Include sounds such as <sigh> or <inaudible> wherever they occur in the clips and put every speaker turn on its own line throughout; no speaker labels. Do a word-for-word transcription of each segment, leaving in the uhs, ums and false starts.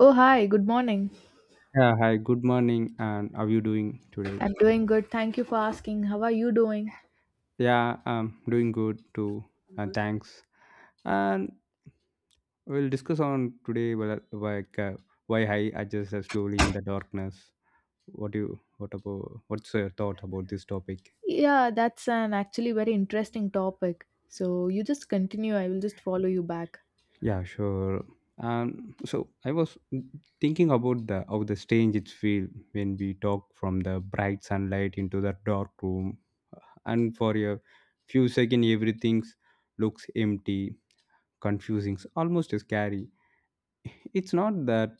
Oh, hi, good morning.
Yeah, hi, good morning, and how are you doing today?
I'm doing good. Thank you for asking. How are you doing?
Yeah, I'm doing good too, and thanks. And we'll discuss on today, well, like uh, why I adjust uh, slowly in the darkness. What do you, what about, what's your thought about this topic?
Yeah, that's an actually very interesting topic. So you just continue. I will just follow you back.
Yeah, sure. Um, so I was thinking about the how the strange it feel when we talk from the bright sunlight into the dark room, and for a few seconds everything looks empty confusing, almost scary. <laughs> It's not that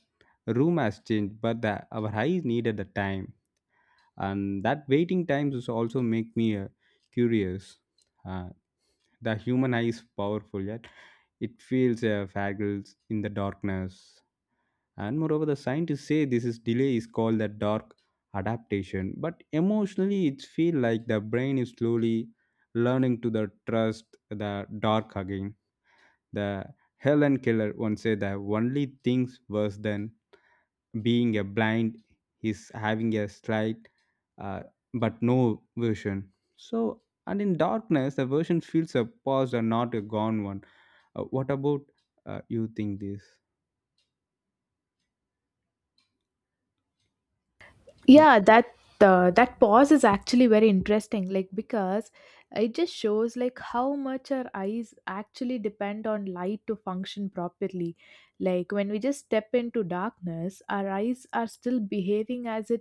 room has changed, but that our eyes needed the time, and that waiting times is also make me uh, curious. Uh, the human eye is powerful, yet it feels uh, faggles in the darkness. And moreover, the scientists say this is delay is called the dark adaptation. But emotionally, it feels like the brain is slowly learning to the trust the dark again the Helen Keller once said the only things worse than being a blind is having a slight uh, but no version. So, and in darkness, the version feels a past and not a gone one. Uh, what about uh, you think this? Yeah.
yeah that uh, that pause is actually very interesting, like, because it just shows like how much our eyes actually depend on light to function properly. Like when we just step into darkness, our eyes are still behaving as if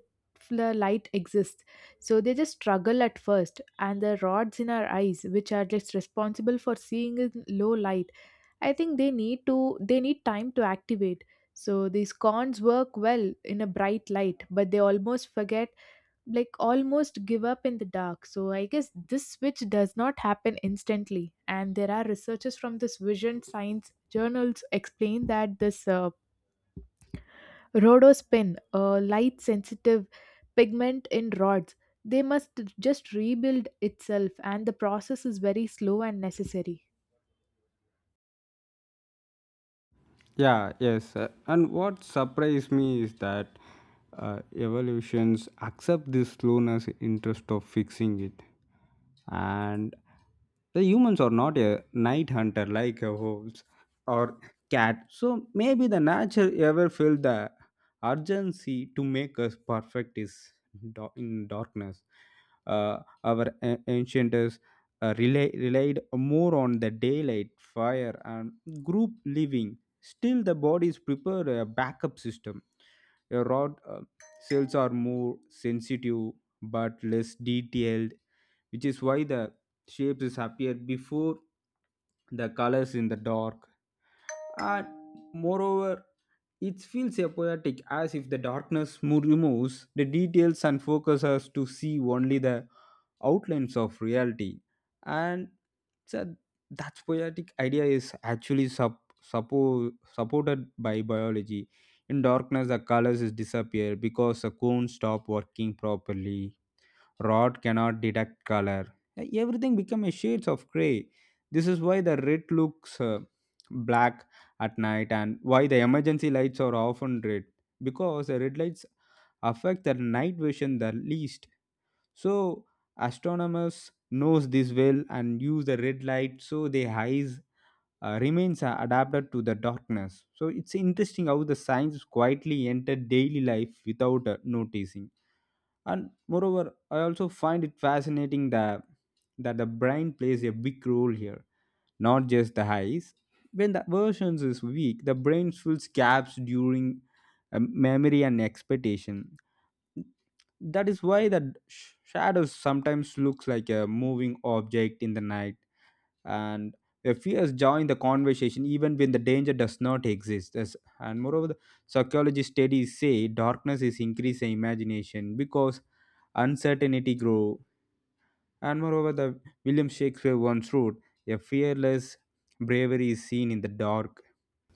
the light exists, so they just struggle at first. And the rods in our eyes, which are just responsible for seeing in low light, I think they need to they need time to activate. So these cons work well in a bright light, but they almost forget, like almost give up in the dark. So I guess this switch does not happen instantly. And there are researchers from this vision science journals explain that this uh, rhodospin, a light sensitive pigment in rods, they must just rebuild itself, and the process is very slow and necessary.
Yeah, yes. uh, and what surprised me is that uh, evolutions accept this slowness interest of fixing it. And the humans are not a night hunter like a wolves or cat, so maybe the nature ever felt the urgency to make us perfect is da- in darkness. Uh, our a- ancient is uh, rela- relied more on the daylight, fire and group living. Still the bodies prepare a backup system. Your rod uh, cells are more sensitive but less detailed, which is why the shapes is appear before the colors in the dark. And moreover, it feels a poetic as if the darkness mo- removes the details and focuses us to see only the outlines of reality. And so that poetic idea is actually sup- suppo- supported by biology. In darkness the colors is disappear because the cones stop working properly. Rod cannot detect color. Everything becomes shades of gray. This is why the red looks uh, black at night, and why the emergency lights are often red, because the red lights affect the night vision the least. So astronomers knows this well and use the red light so their eyes uh, remains uh, adapted to the darkness. So it's interesting how the science quietly entered daily life without uh, noticing. And moreover, I also find it fascinating that that the brain plays a big role here, not just the eyes. When the versions is weak, the brain fills gaps during uh, memory and expectation. That is why the sh- shadows sometimes looks like a moving object in the night, and the fears join the conversation even when the danger does not exist. Thus- And moreover, the psychology studies say darkness is increasing imagination because uncertainty grow. And moreover, the William Shakespeare once wrote, "A fearless bravery is seen in the dark."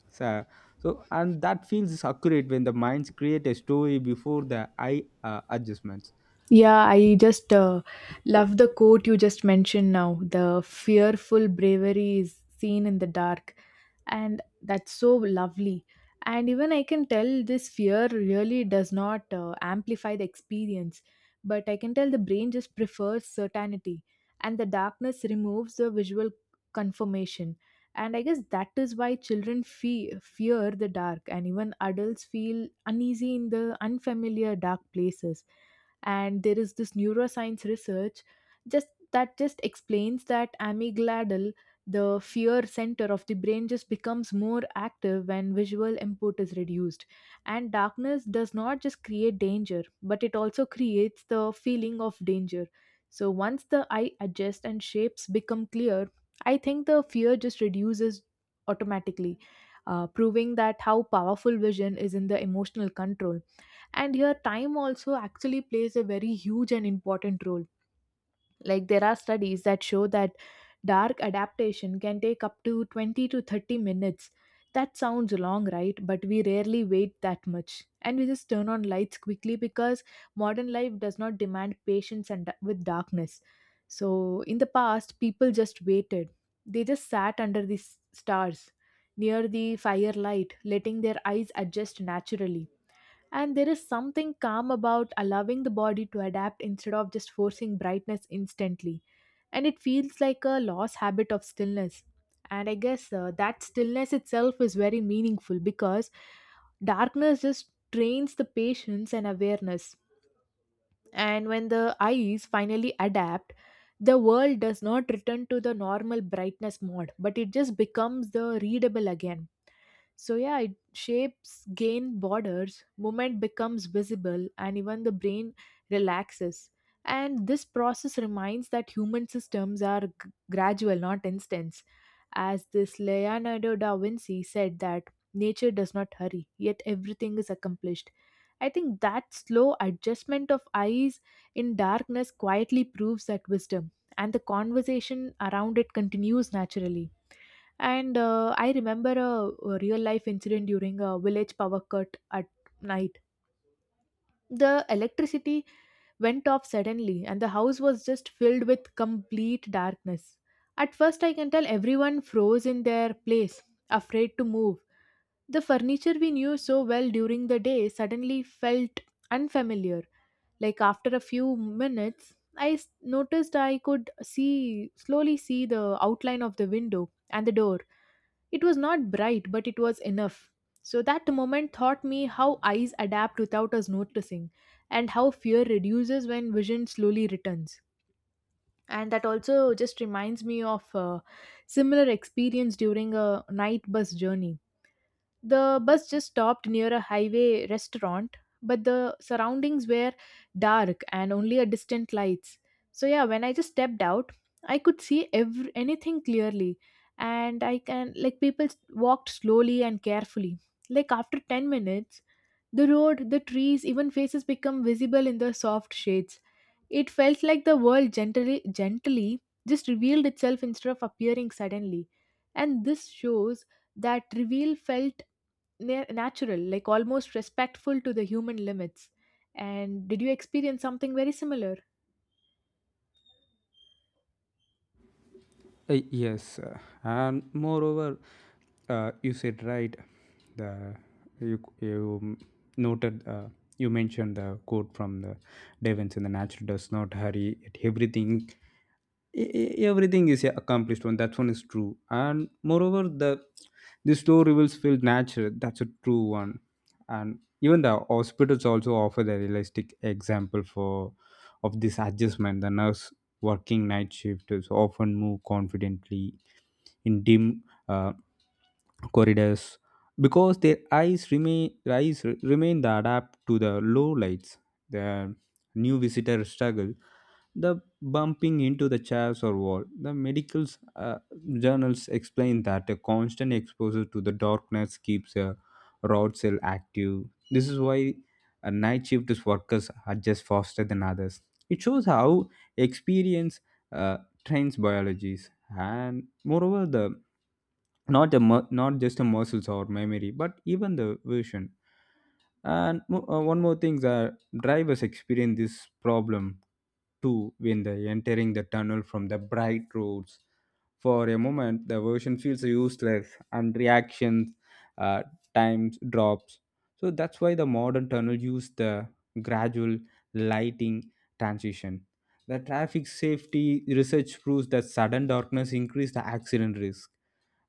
So, so and that feels accurate when the minds create a story before the eye uh, adjustments.
Yeah, I just uh, love the quote you just mentioned now. The fearful bravery is seen in the dark. And that's so lovely. And even I can tell this fear really does not uh, amplify the experience, but I can tell the brain just prefers certainty. And the darkness removes the visual confirmation. And I guess that is why children fe- fear the dark, and even adults feel uneasy in the unfamiliar dark places. And there is this neuroscience research just that just explains that amygdala, the fear center of the brain, just becomes more active when visual input is reduced. And darkness does not just create danger, but it also creates the feeling of danger. So once the eye adjusts and shapes become clear, I think the fear just reduces automatically, uh, proving that how powerful vision is in the emotional control. And here time also actually plays a very huge and important role. Like there are studies that show that dark adaptation can take up to twenty to thirty minutes. That sounds long, right? But we rarely wait that much, and we just turn on lights quickly because modern life does not demand patience. And with darkness, so in the past people just waited. They just sat under the s- stars, near the firelight, letting their eyes adjust naturally. And there is something calm about allowing the body to adapt instead of just forcing brightness instantly. And it feels like a lost habit of stillness. And I guess uh, that stillness itself is very meaningful because darkness just trains the patience and awareness. And when the eyes finally adapt, the world does not return to the normal brightness mode, but it just becomes the readable again. So, yeah, it shapes gain borders, movement becomes visible, and even the brain relaxes. And this process reminds that human systems are g- gradual, not instants. As this Leonardo da Vinci said, that nature does not hurry, yet everything is accomplished. I think that slow adjustment of eyes in darkness quietly proves that wisdom, and the conversation around it continues naturally. And uh, I remember a, a real life incident during a village power cut at night. The electricity went off suddenly, and the house was just filled with complete darkness. At first, I can tell everyone froze in their place, afraid to move. The furniture we knew so well during the day suddenly felt unfamiliar. Like after a few minutes, I s- noticed I could see slowly see the outline of the window and the door. It was not bright, but it was enough. So that moment taught me how eyes adapt without us noticing and how fear reduces when vision slowly returns. And that also just reminds me of a similar experience during a night bus journey. The bus just stopped near a highway restaurant, but the surroundings were dark and only a distant lights. So yeah, when I just stepped out, I could see every, anything clearly, and I can like people s- walked slowly and carefully. Like after ten minutes, the road, the trees, even faces become visible in the soft shades. It felt like the world gently gently just revealed itself instead of appearing suddenly. And this shows that reveal felt na- natural, like almost respectful to the human limits. And did you experience something very similar?
Uh, yes, uh, and moreover, uh, you said right. The You you noted, uh, you mentioned the quote from the Devens, and the natural does not hurry at everything. E- e- everything is a accomplished one. That one is true. And moreover the the slow reveals feel natural, that's a true one. And even the hospitals also offer the realistic example for of this adjustment. The nurse working night shift is often move confidently in dim uh, corridors, because their eyes remain eyes re- remain the adapt to the low lights. The new visitor struggle, the bumping into the chairs or wall. The medical uh, journals explain that a constant exposure to the darkness keeps a rod cell active. This is why a night shift workers adjust faster than others. It shows how experience uh, trains biologies. And moreover, the not a mu- not just a muscles or memory, but even the vision. And mo- uh, one more thing, that drivers experience this problem too when they entering the tunnel from the bright roads. For a moment the version feels useless, and reactions uh, times drops. So that's why the modern tunnel use the gradual lighting transition. The traffic safety research proves that sudden darkness increase the accident risk,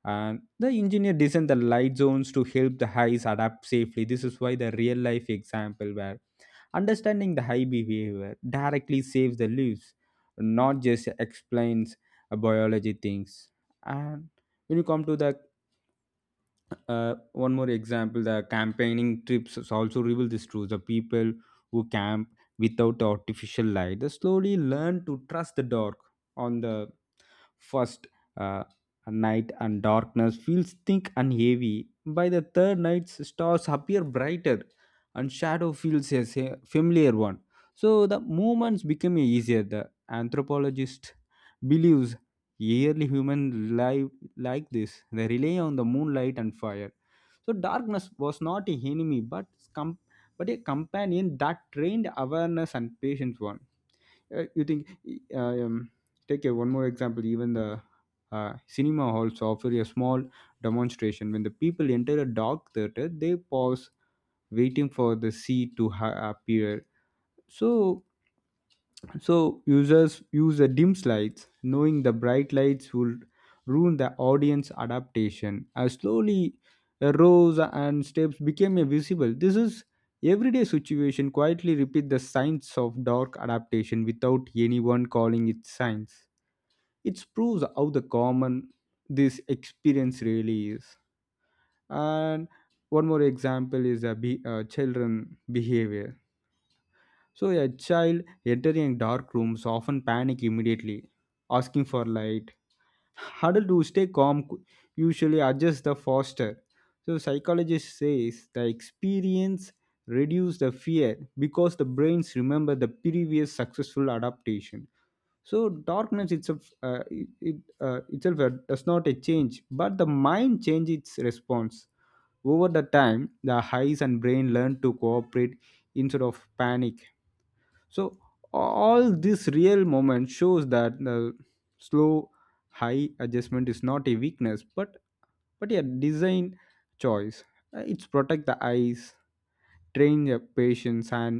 and the engineer designed the light zones to help the highs adapt safely. This is why the real life example where understanding the high behavior directly saves the lives, not just explains uh, biology things. And when you come to the uh, one more example, the campaigning trips is also reveal this truth. The people who camp without the artificial light they slowly learn to trust the dark. On the first uh night, and darkness feels thick and heavy. By the third night, stars appear brighter and shadow feels a sa- familiar one. So the movements become easier. The anthropologist believes yearly human life like this. They rely on the moonlight and fire. So darkness was not an enemy, but com- but a companion that trained awareness and patience one. Uh, you think uh, um, take a, One more example, even the uh, cinema halls offer a small demonstration. When the people enter a dark theater they pause, waiting for the seat to ha- appear. So so users use the dim lights, knowing the bright lights will ruin the audience adaptation. As slowly uh, rows and steps became a visible, this is everyday situation quietly repeat the science of dark adaptation without anyone calling it science. It proves how the common this experience really is. And one more example is a be- uh, children behavior. So a child entering a dark rooms often panic immediately, asking for light. Adults who stay calm cou- usually adjust the faster. So psychologist says the experience reduce the fear because the brains remember the previous successful adaptation. So darkness itself, uh, it, it, uh, itself uh, does not a change, but the mind changes its response. Over the time, the eyes and brain learn to cooperate instead of panic. So all this real moment shows that the slow high adjustment is not a weakness, but but a design choice. Uh, it's protect the eyes, train your patience, and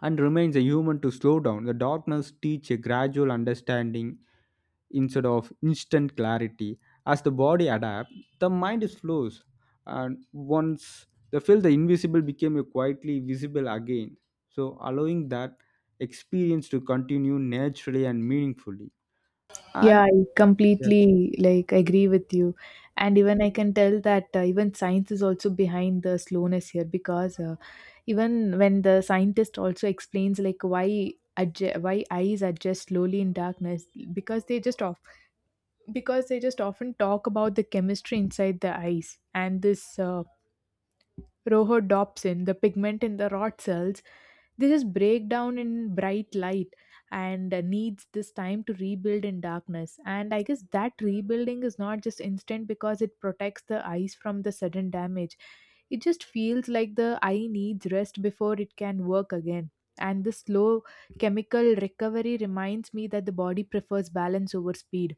and remains a human to slow down. The darkness teach a gradual understanding instead of instant clarity. As the body adapts, the mind is flows, and once they feel the invisible became a quietly visible again. So allowing that experience to continue naturally and meaningfully.
Yeah,
And
I
yes.
completely like agree with you. And even I can tell that uh, even science is also behind the slowness here because uh, even when the scientist also explains like why adj- why eyes adjust slowly in darkness. because they just off because they just often talk about the chemistry inside the eyes, and this uh, rhodopsin, the pigment in the rod cells, they just break down in bright light and uh, needs this time to rebuild in darkness. And I guess that rebuilding is not just instant because it protects the eyes from the sudden damage. It just feels like the eye needs rest before it can work again. And this slow chemical recovery reminds me that the body prefers balance over speed.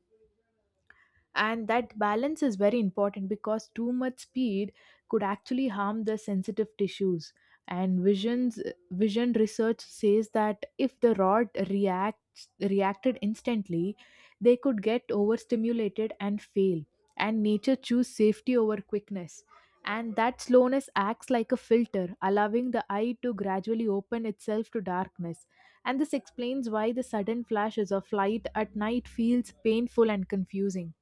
And that balance is very important because too much speed could actually harm the sensitive tissues and visions. Vision research says that if the rod reacts reacted instantly, they could get overstimulated and fail, and nature choose safety over quickness. And that slowness acts like a filter, allowing the eye to gradually open itself to darkness. And this explains why the sudden flashes of light at night feels painful and confusing.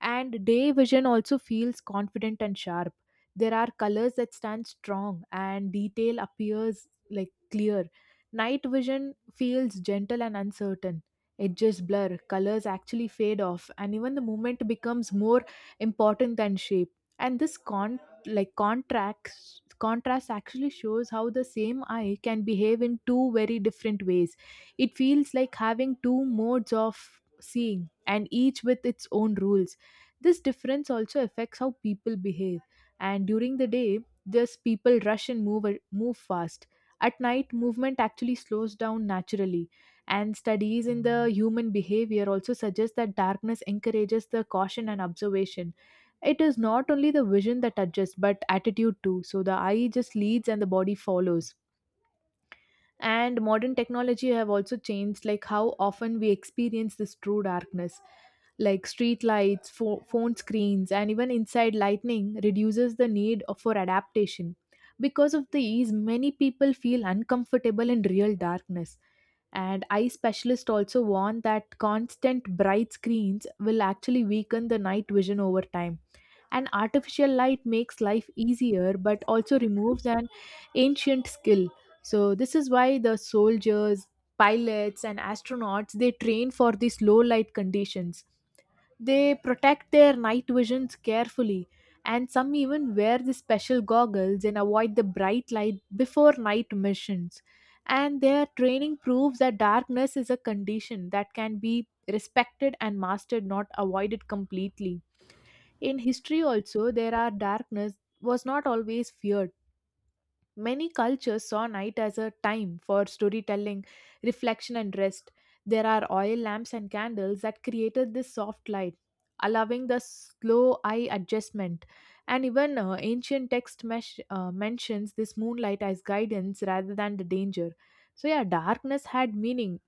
And day vision also feels confident and sharp. There are colors that stand strong and detail appears like clear. Night vision feels gentle and uncertain. Edges blur, colors actually fade off, and even the movement becomes more important than shape. And this con like contracts contrast actually shows how the same eye can behave in two very different ways. It feels like having two modes of seeing, and each with its own rules. This difference also affects how people behave. And during the day, just people rush and move move fast. At night, movement actually slows down naturally. And studies in the human behavior also suggest that darkness encourages the caution and observation. It is not only the vision that adjusts, but attitude too. So the eye just leads and the body follows. And modern technology have also changed like how often we experience this true darkness. Like street lights, pho- phone screens, and even inside lighting reduces the need of- for adaptation. Because of these, many people feel uncomfortable in real darkness. And eye specialists also warn that constant bright screens will actually weaken the night vision over time. And artificial light makes life easier, but also removes an ancient skill. So this is why the soldiers, pilots, and astronauts, they train for these low light conditions. They protect their night visions carefully, and some even wear the special goggles and avoid the bright light before night missions. And their training proves that darkness is a condition that can be respected and mastered, not avoided completely. In history, also, there are darkness was not always feared. Many cultures saw night as a time for storytelling, reflection, and rest. There are oil lamps and candles that created this soft light, allowing the slow eye adjustment. And even uh, ancient text mesh, uh, mentions this moonlight as guidance rather than the danger. So, yeah, darkness had meaning,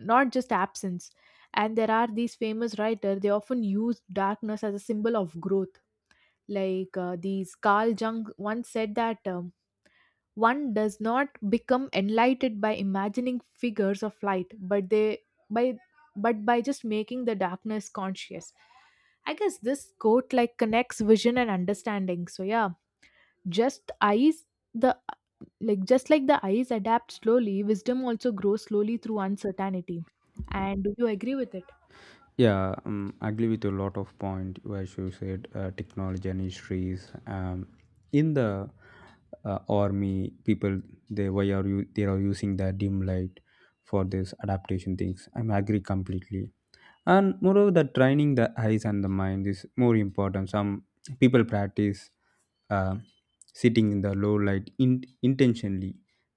not just absence. And there are these famous writers, they often use darkness as a symbol of growth. Like uh, these Carl Jung once said that uh, one does not become enlightened by imagining figures of light, but they by but by just making the darkness conscious. I guess this quote like connects vision and understanding. So yeah, just eyes the like just like the eyes adapt slowly, wisdom also grows slowly through uncertainty. And do you agree with it?
Yeah, um, I agree with a lot of point as you said, uh, technology and histories. Um, in the uh, army, people they why are you they are using the dim light for this adaptation things. I'm agree completely. And moreover, the training the eyes and the mind is more important. Some people practice uh, sitting in the low light in, intentionally.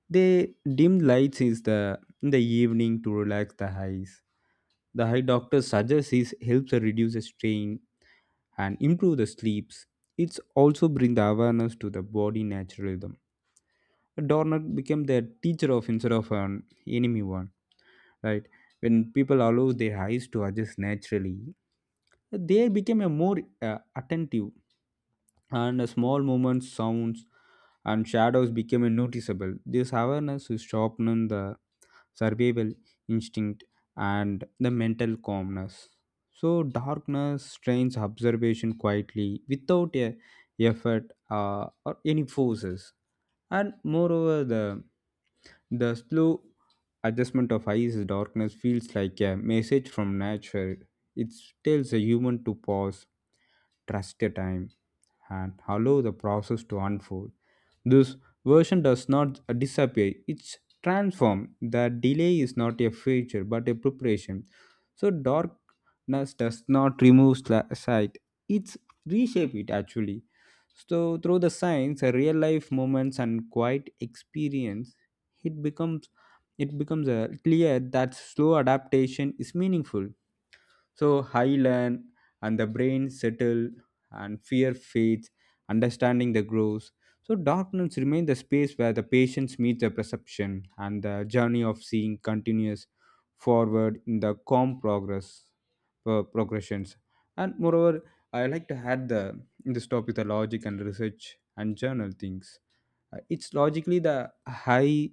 They dim lights is the in the evening to relax the eyes. The eye doctor suggests it helps reduce the strain and improve the sleeps. It's also bring the awareness to the body naturalism. Dorner became the teacher of instead of an enemy one, right? When people allow their eyes to adjust naturally, they became a more uh, attentive, and a small movements, sounds, and shadows became noticeable. This awareness is sharpening the survival instinct and the mental calmness. So, darkness trains observation quietly without a effort uh, or any forces. And moreover, the the slow adjustment of ice darkness feels like a message from nature. It tells a human to pause, trust the time, and allow the process to unfold. This version does not disappear, it's transformed. The delay is not a feature but a preparation. So, darkness does not remove sli- sight, it's reshape it actually. So, through the science, real life moments and quiet experience, it becomes it becomes uh, clear that slow adaptation is meaningful. So I learn, and the brain settle, and fear fades, understanding the grows. So darkness remains the space where the patience meets the perception, and the journey of seeing continuous forward in the calm progress, uh, progressions. And moreover, I like to add the in this topic the logic and research and journal things. Uh, It's logically the high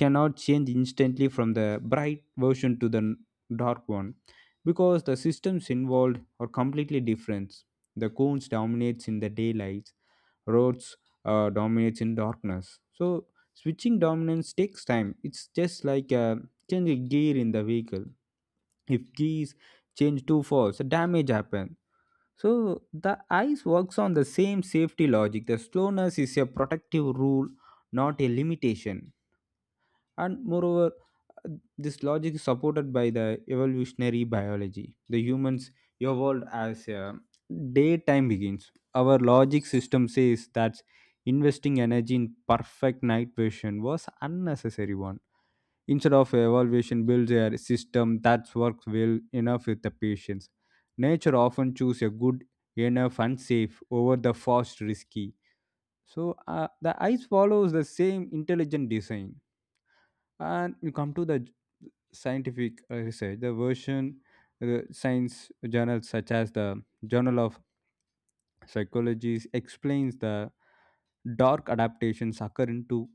cannot change instantly from the bright version to the n- dark one, because the systems involved are completely different. The cones dominates in the daylight, roads uh, dominates in darkness. So switching dominance takes time. It's just like uh, changing gear in the vehicle. If gears change too fast, damage happen. So the ice works on the same safety logic. The slowness is a protective rule, not a limitation. And moreover, uh, this logic is supported by the evolutionary biology. The humans evolved as a daytime begins. Our logic system says that investing energy in perfect night vision was unnecessary one. Instead of evaluation, builds a system that works well enough with the patients. Nature often chooses a good enough and safe over the fast risky. So uh, the ice follows the same intelligent design. And you come to the scientific uh, research. The version the science journals such as the Journal of Psychology explains the dark adaptations occur in two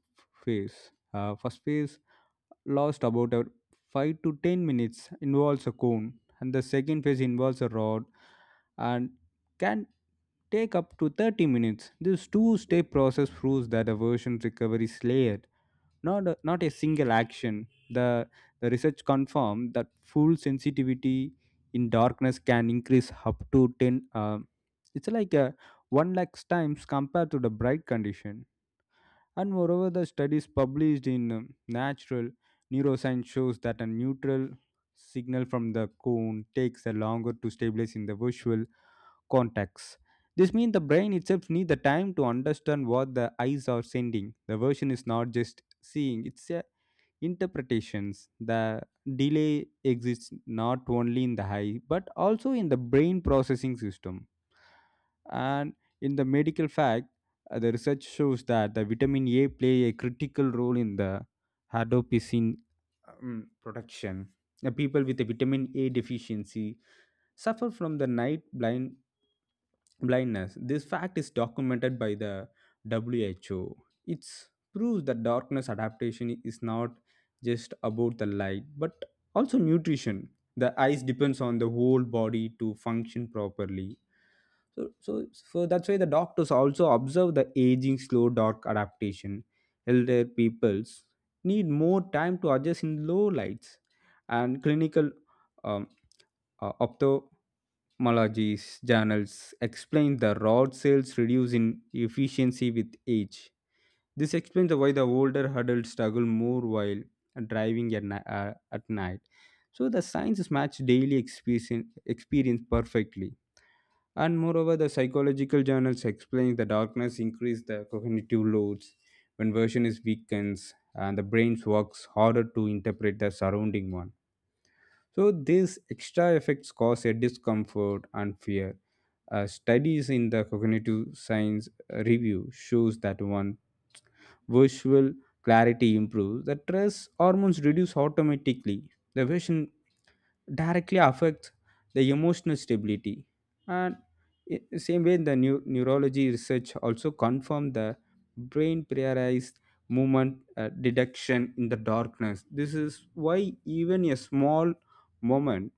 phases. Uh, first phase lasts about a five to ten minutes involves a cone, and the second phase involves a rod and can take up to thirty minutes. This two-step process proves that aversion recovery is layered, not a, not a single action. The the research confirmed that full sensitivity in darkness can increase up to 10 uh, it's like a one lakh times compared to the bright condition. And moreover, the studies published in um, Natural Neuroscience shows that a neutral signal from the cone takes a longer to stabilize in the visual context. This means the brain itself needs the time to understand what the eyes are sending. The version is not just seeing, it's uh, interpretations. The delay exists not only in the eye but also in the brain processing system. And in the medical fact, uh, the research shows that the vitamin A play a critical role in the hadopsin um, production. The people with the vitamin A deficiency suffer from the night blind blindness. This fact is documented by the W H O. It proves that darkness adaptation is not just about the light, but also nutrition. The eyes depends on the whole body to function properly. So, so, so that's why the doctors also observe the aging slow dark adaptation. Elder peoples need more time to adjust in low lights, and clinical um, uh, ophthalmologist journals explain the rod cells' reduce in efficiency with age. This explains the why the older adults struggle more while driving at, ni- uh, at night. So the sciences match daily experience, experience perfectly. And moreover, the psychological journals explain the darkness increase the cognitive loads when version is weakens and the brain works harder to interpret the surrounding one, so these extra effects cause a discomfort and fear. Uh, studies in the cognitive science review shows that one visual clarity improves. The stress hormones reduce automatically. The vision directly affects the emotional stability. And i- same way, the neu- neurology research also confirmed the brain prioritized movement uh, detection in the darkness. This is why even a small moment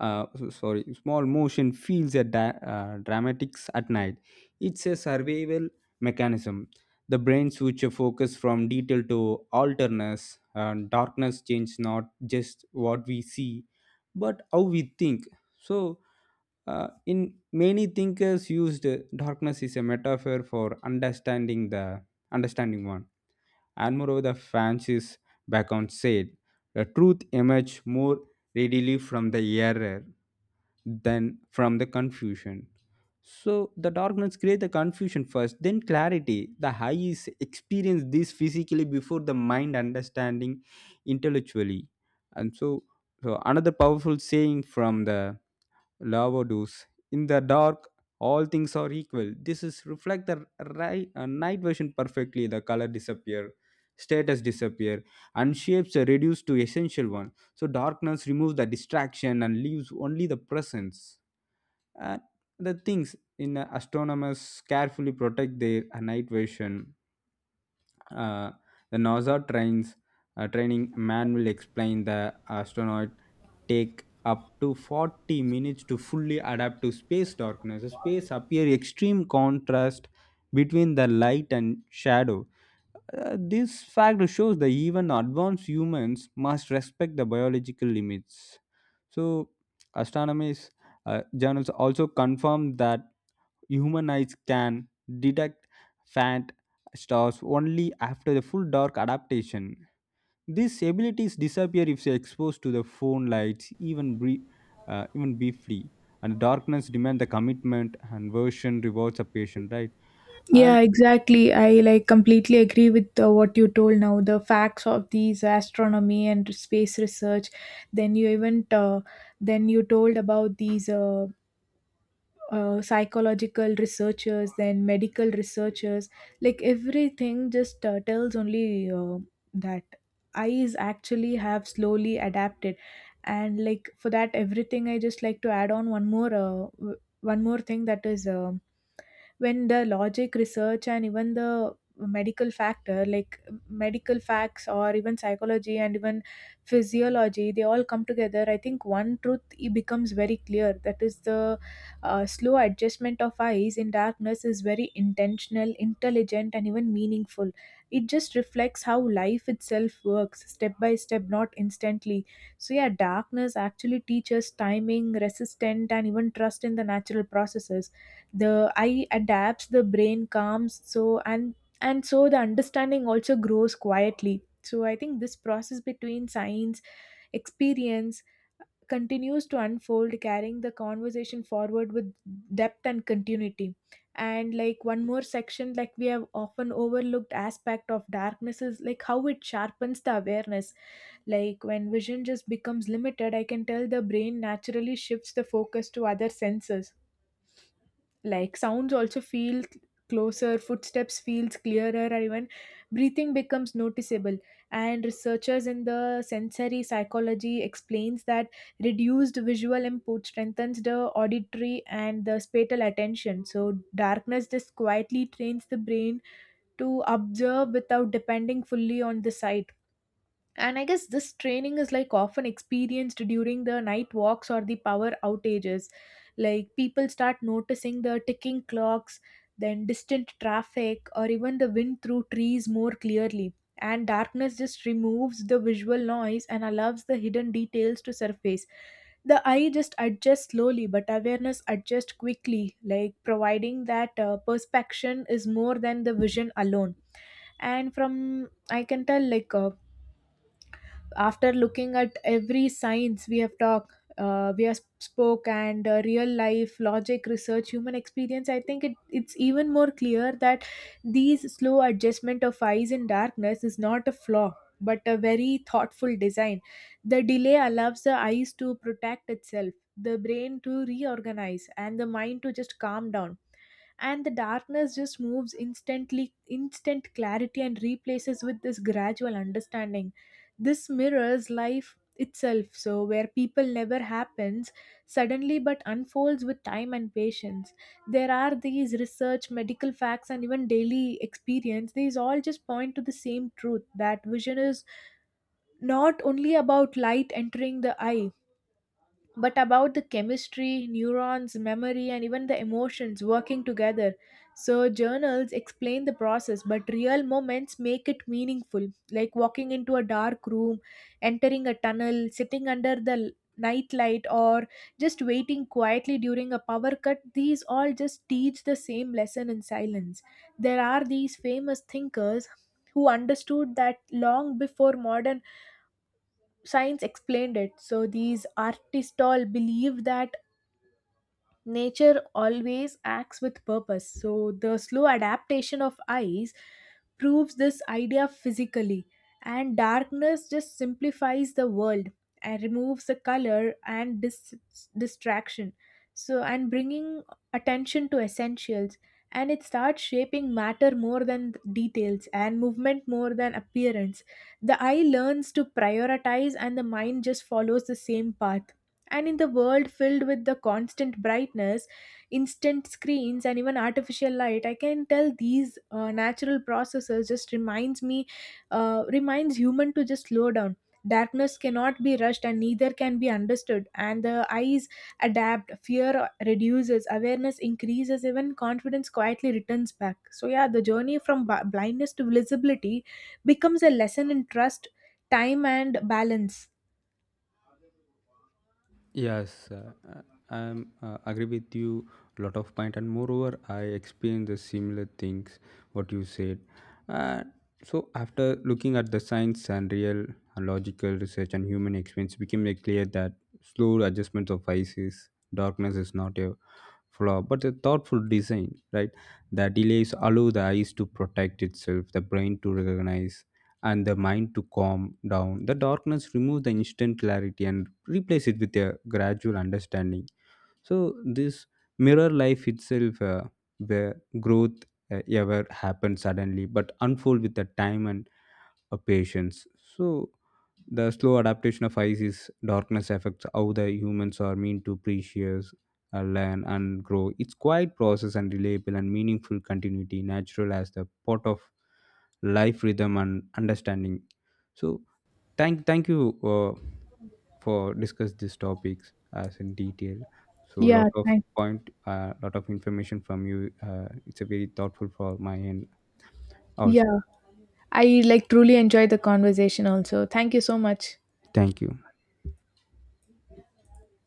uh, s- sorry small motion feels a da- uh, dramatics at night. It's a survival mechanism. The brain switch a focus from detail to alterness, and darkness change not just what we see, but how we think. So uh, in many thinkers used uh, darkness is a metaphor for understanding the understanding one. And moreover, the fancies Bacon said the truth emerged more readily from the error than from the confusion. So the darkness create the confusion first, then clarity. The high is experience this physically before the mind understanding intellectually. And so, so another powerful saying from the Lavados. In the dark, all things are equal. This is reflect the ri- uh, night version perfectly. The color disappear, status disappear, and shapes are reduced to essential one. So darkness removes the distraction and leaves only the presence. And the things in uh, astronomers carefully protect their uh, night vision. uh, the NASA trains uh, training manual explain the astronaut take up to forty minutes to fully adapt to space darkness. Space appear extreme contrast between the light and shadow. Uh, this fact shows that even advanced humans must respect the biological limits. So, astronomers uh, journals also confirm that human eyes can detect faint stars only after the full dark adaptation. These abilities disappear if they are exposed to the phone lights, even brie- uh, even briefly. And darkness demands the commitment, and version rewards a patient, right? And
Yeah, exactly. I like completely agree with uh, what you told now. The facts of these astronomy and space research. Then you even uh, then you told about these uh, uh, psychological researchers, then medical researchers. Like everything just uh, tells only uh, that eyes actually have slowly adapted. And like for that everything, I just like to add on one more uh, w- one more thing that is, um, when the logic research and even the medical factor, like medical facts or even psychology and even physiology, they all come together, I think one truth it becomes very clear, that is the uh, slow adjustment of eyes in darkness is very intentional, intelligent, and even meaningful. It just reflects how life itself works, step by step, not instantly. So, yeah, darkness actually teaches timing, resistance, and even trust in the natural processes. The eye adapts, the brain calms, so and and so the understanding also grows quietly. So, I think this process between science, experience, continues to unfold, carrying the conversation forward with depth and continuity. And like one more section, like we have often overlooked aspect of darkness is like how it sharpens the awareness. Like when vision just becomes limited, I can tell the brain naturally shifts the focus to other senses, like sounds also feel closer, footsteps feels clearer, and even breathing becomes noticeable. And researchers in the sensory psychology explains that reduced visual input strengthens the auditory and the spatial attention. So darkness just quietly trains the brain to observe without depending fully on the sight. And I guess this training is like often experienced during the night walks or the power outages. Like people start noticing the ticking clocks, then distant traffic, or even the wind through trees more clearly. And darkness just removes the visual noise and allows the hidden details to surface. The eye just adjusts slowly, but awareness adjusts quickly, like providing that uh, perspection is more than the vision alone. And from I can tell like uh, after looking at every science we have talked, uh, we have spoke, and uh, real life logic research, human experience, I think it, it's even more clear that these slow adjustment of eyes in darkness is not a flaw, but a very thoughtful design. The delay allows the eyes to protect itself, the brain to reorganize, and the mind to just calm down. And the darkness just moves instantly instant clarity and replaces with this gradual understanding. This mirrors life itself, so where people never happens suddenly but unfolds with time and patience. There are these research, medical facts, and even daily experience, these all just point to the same truth, that vision is not only about light entering the eye, but about the chemistry, neurons, memory, and even the emotions working together. So, journals explain the process, but real moments make it meaningful, like walking into a dark room, entering a tunnel, sitting under the l- night light, or just waiting quietly during a power cut. These all just teach the same lesson in silence. There are these famous thinkers who understood that long before modern science explained it. So these artists all believe that nature always acts with purpose, so the slow adaptation of ice proves this idea physically. And darkness just simplifies the world and removes the color and dis- distraction. So, and bringing attention to essentials, and it starts shaping matter more than details and movement more than appearance. The eye learns to prioritize, and the mind just follows the same path. And in the world filled with the constant brightness, instant screens, and even artificial light, I can tell these uh, natural processes just reminds me, uh, reminds human to just slow down. Darkness cannot be rushed, and neither can be understood. And the eyes adapt, fear reduces, awareness increases, even confidence quietly returns back. So yeah, the journey from b- blindness to visibility becomes a lesson in trust, time, and balance.
yes, uh, uh, I'm uh, agree with you lot of point, and moreover, I experienced the similar things what you said. Uh, so after looking at the science and real and logical research and human experience, it became very clear that slow adjustments of ices, darkness is not a flaw, but a thoughtful design. Right, the delays allow the eyes to protect itself, the brain to recognize, and the mind to calm down. The darkness removes the instant clarity and replace it with a gradual understanding. So this mirror life itself, uh, where growth uh, ever happens suddenly, but unfold with the time and uh, patience. So the slow adaptation of Isis darkness affects how the humans are meant to appreciate, uh, learn, and grow. It's quiet process and reliable and meaningful continuity, natural as the part of life rhythm and understanding. So thank thank you uh, for discuss these topics as in detail. So
Yeah,
lot of
thank.
point, uh, lot of information from you. Uh, it's a very thoughtful for my end also.
Yeah. I like truly enjoyed the conversation also. Thank you so much.
Thank you.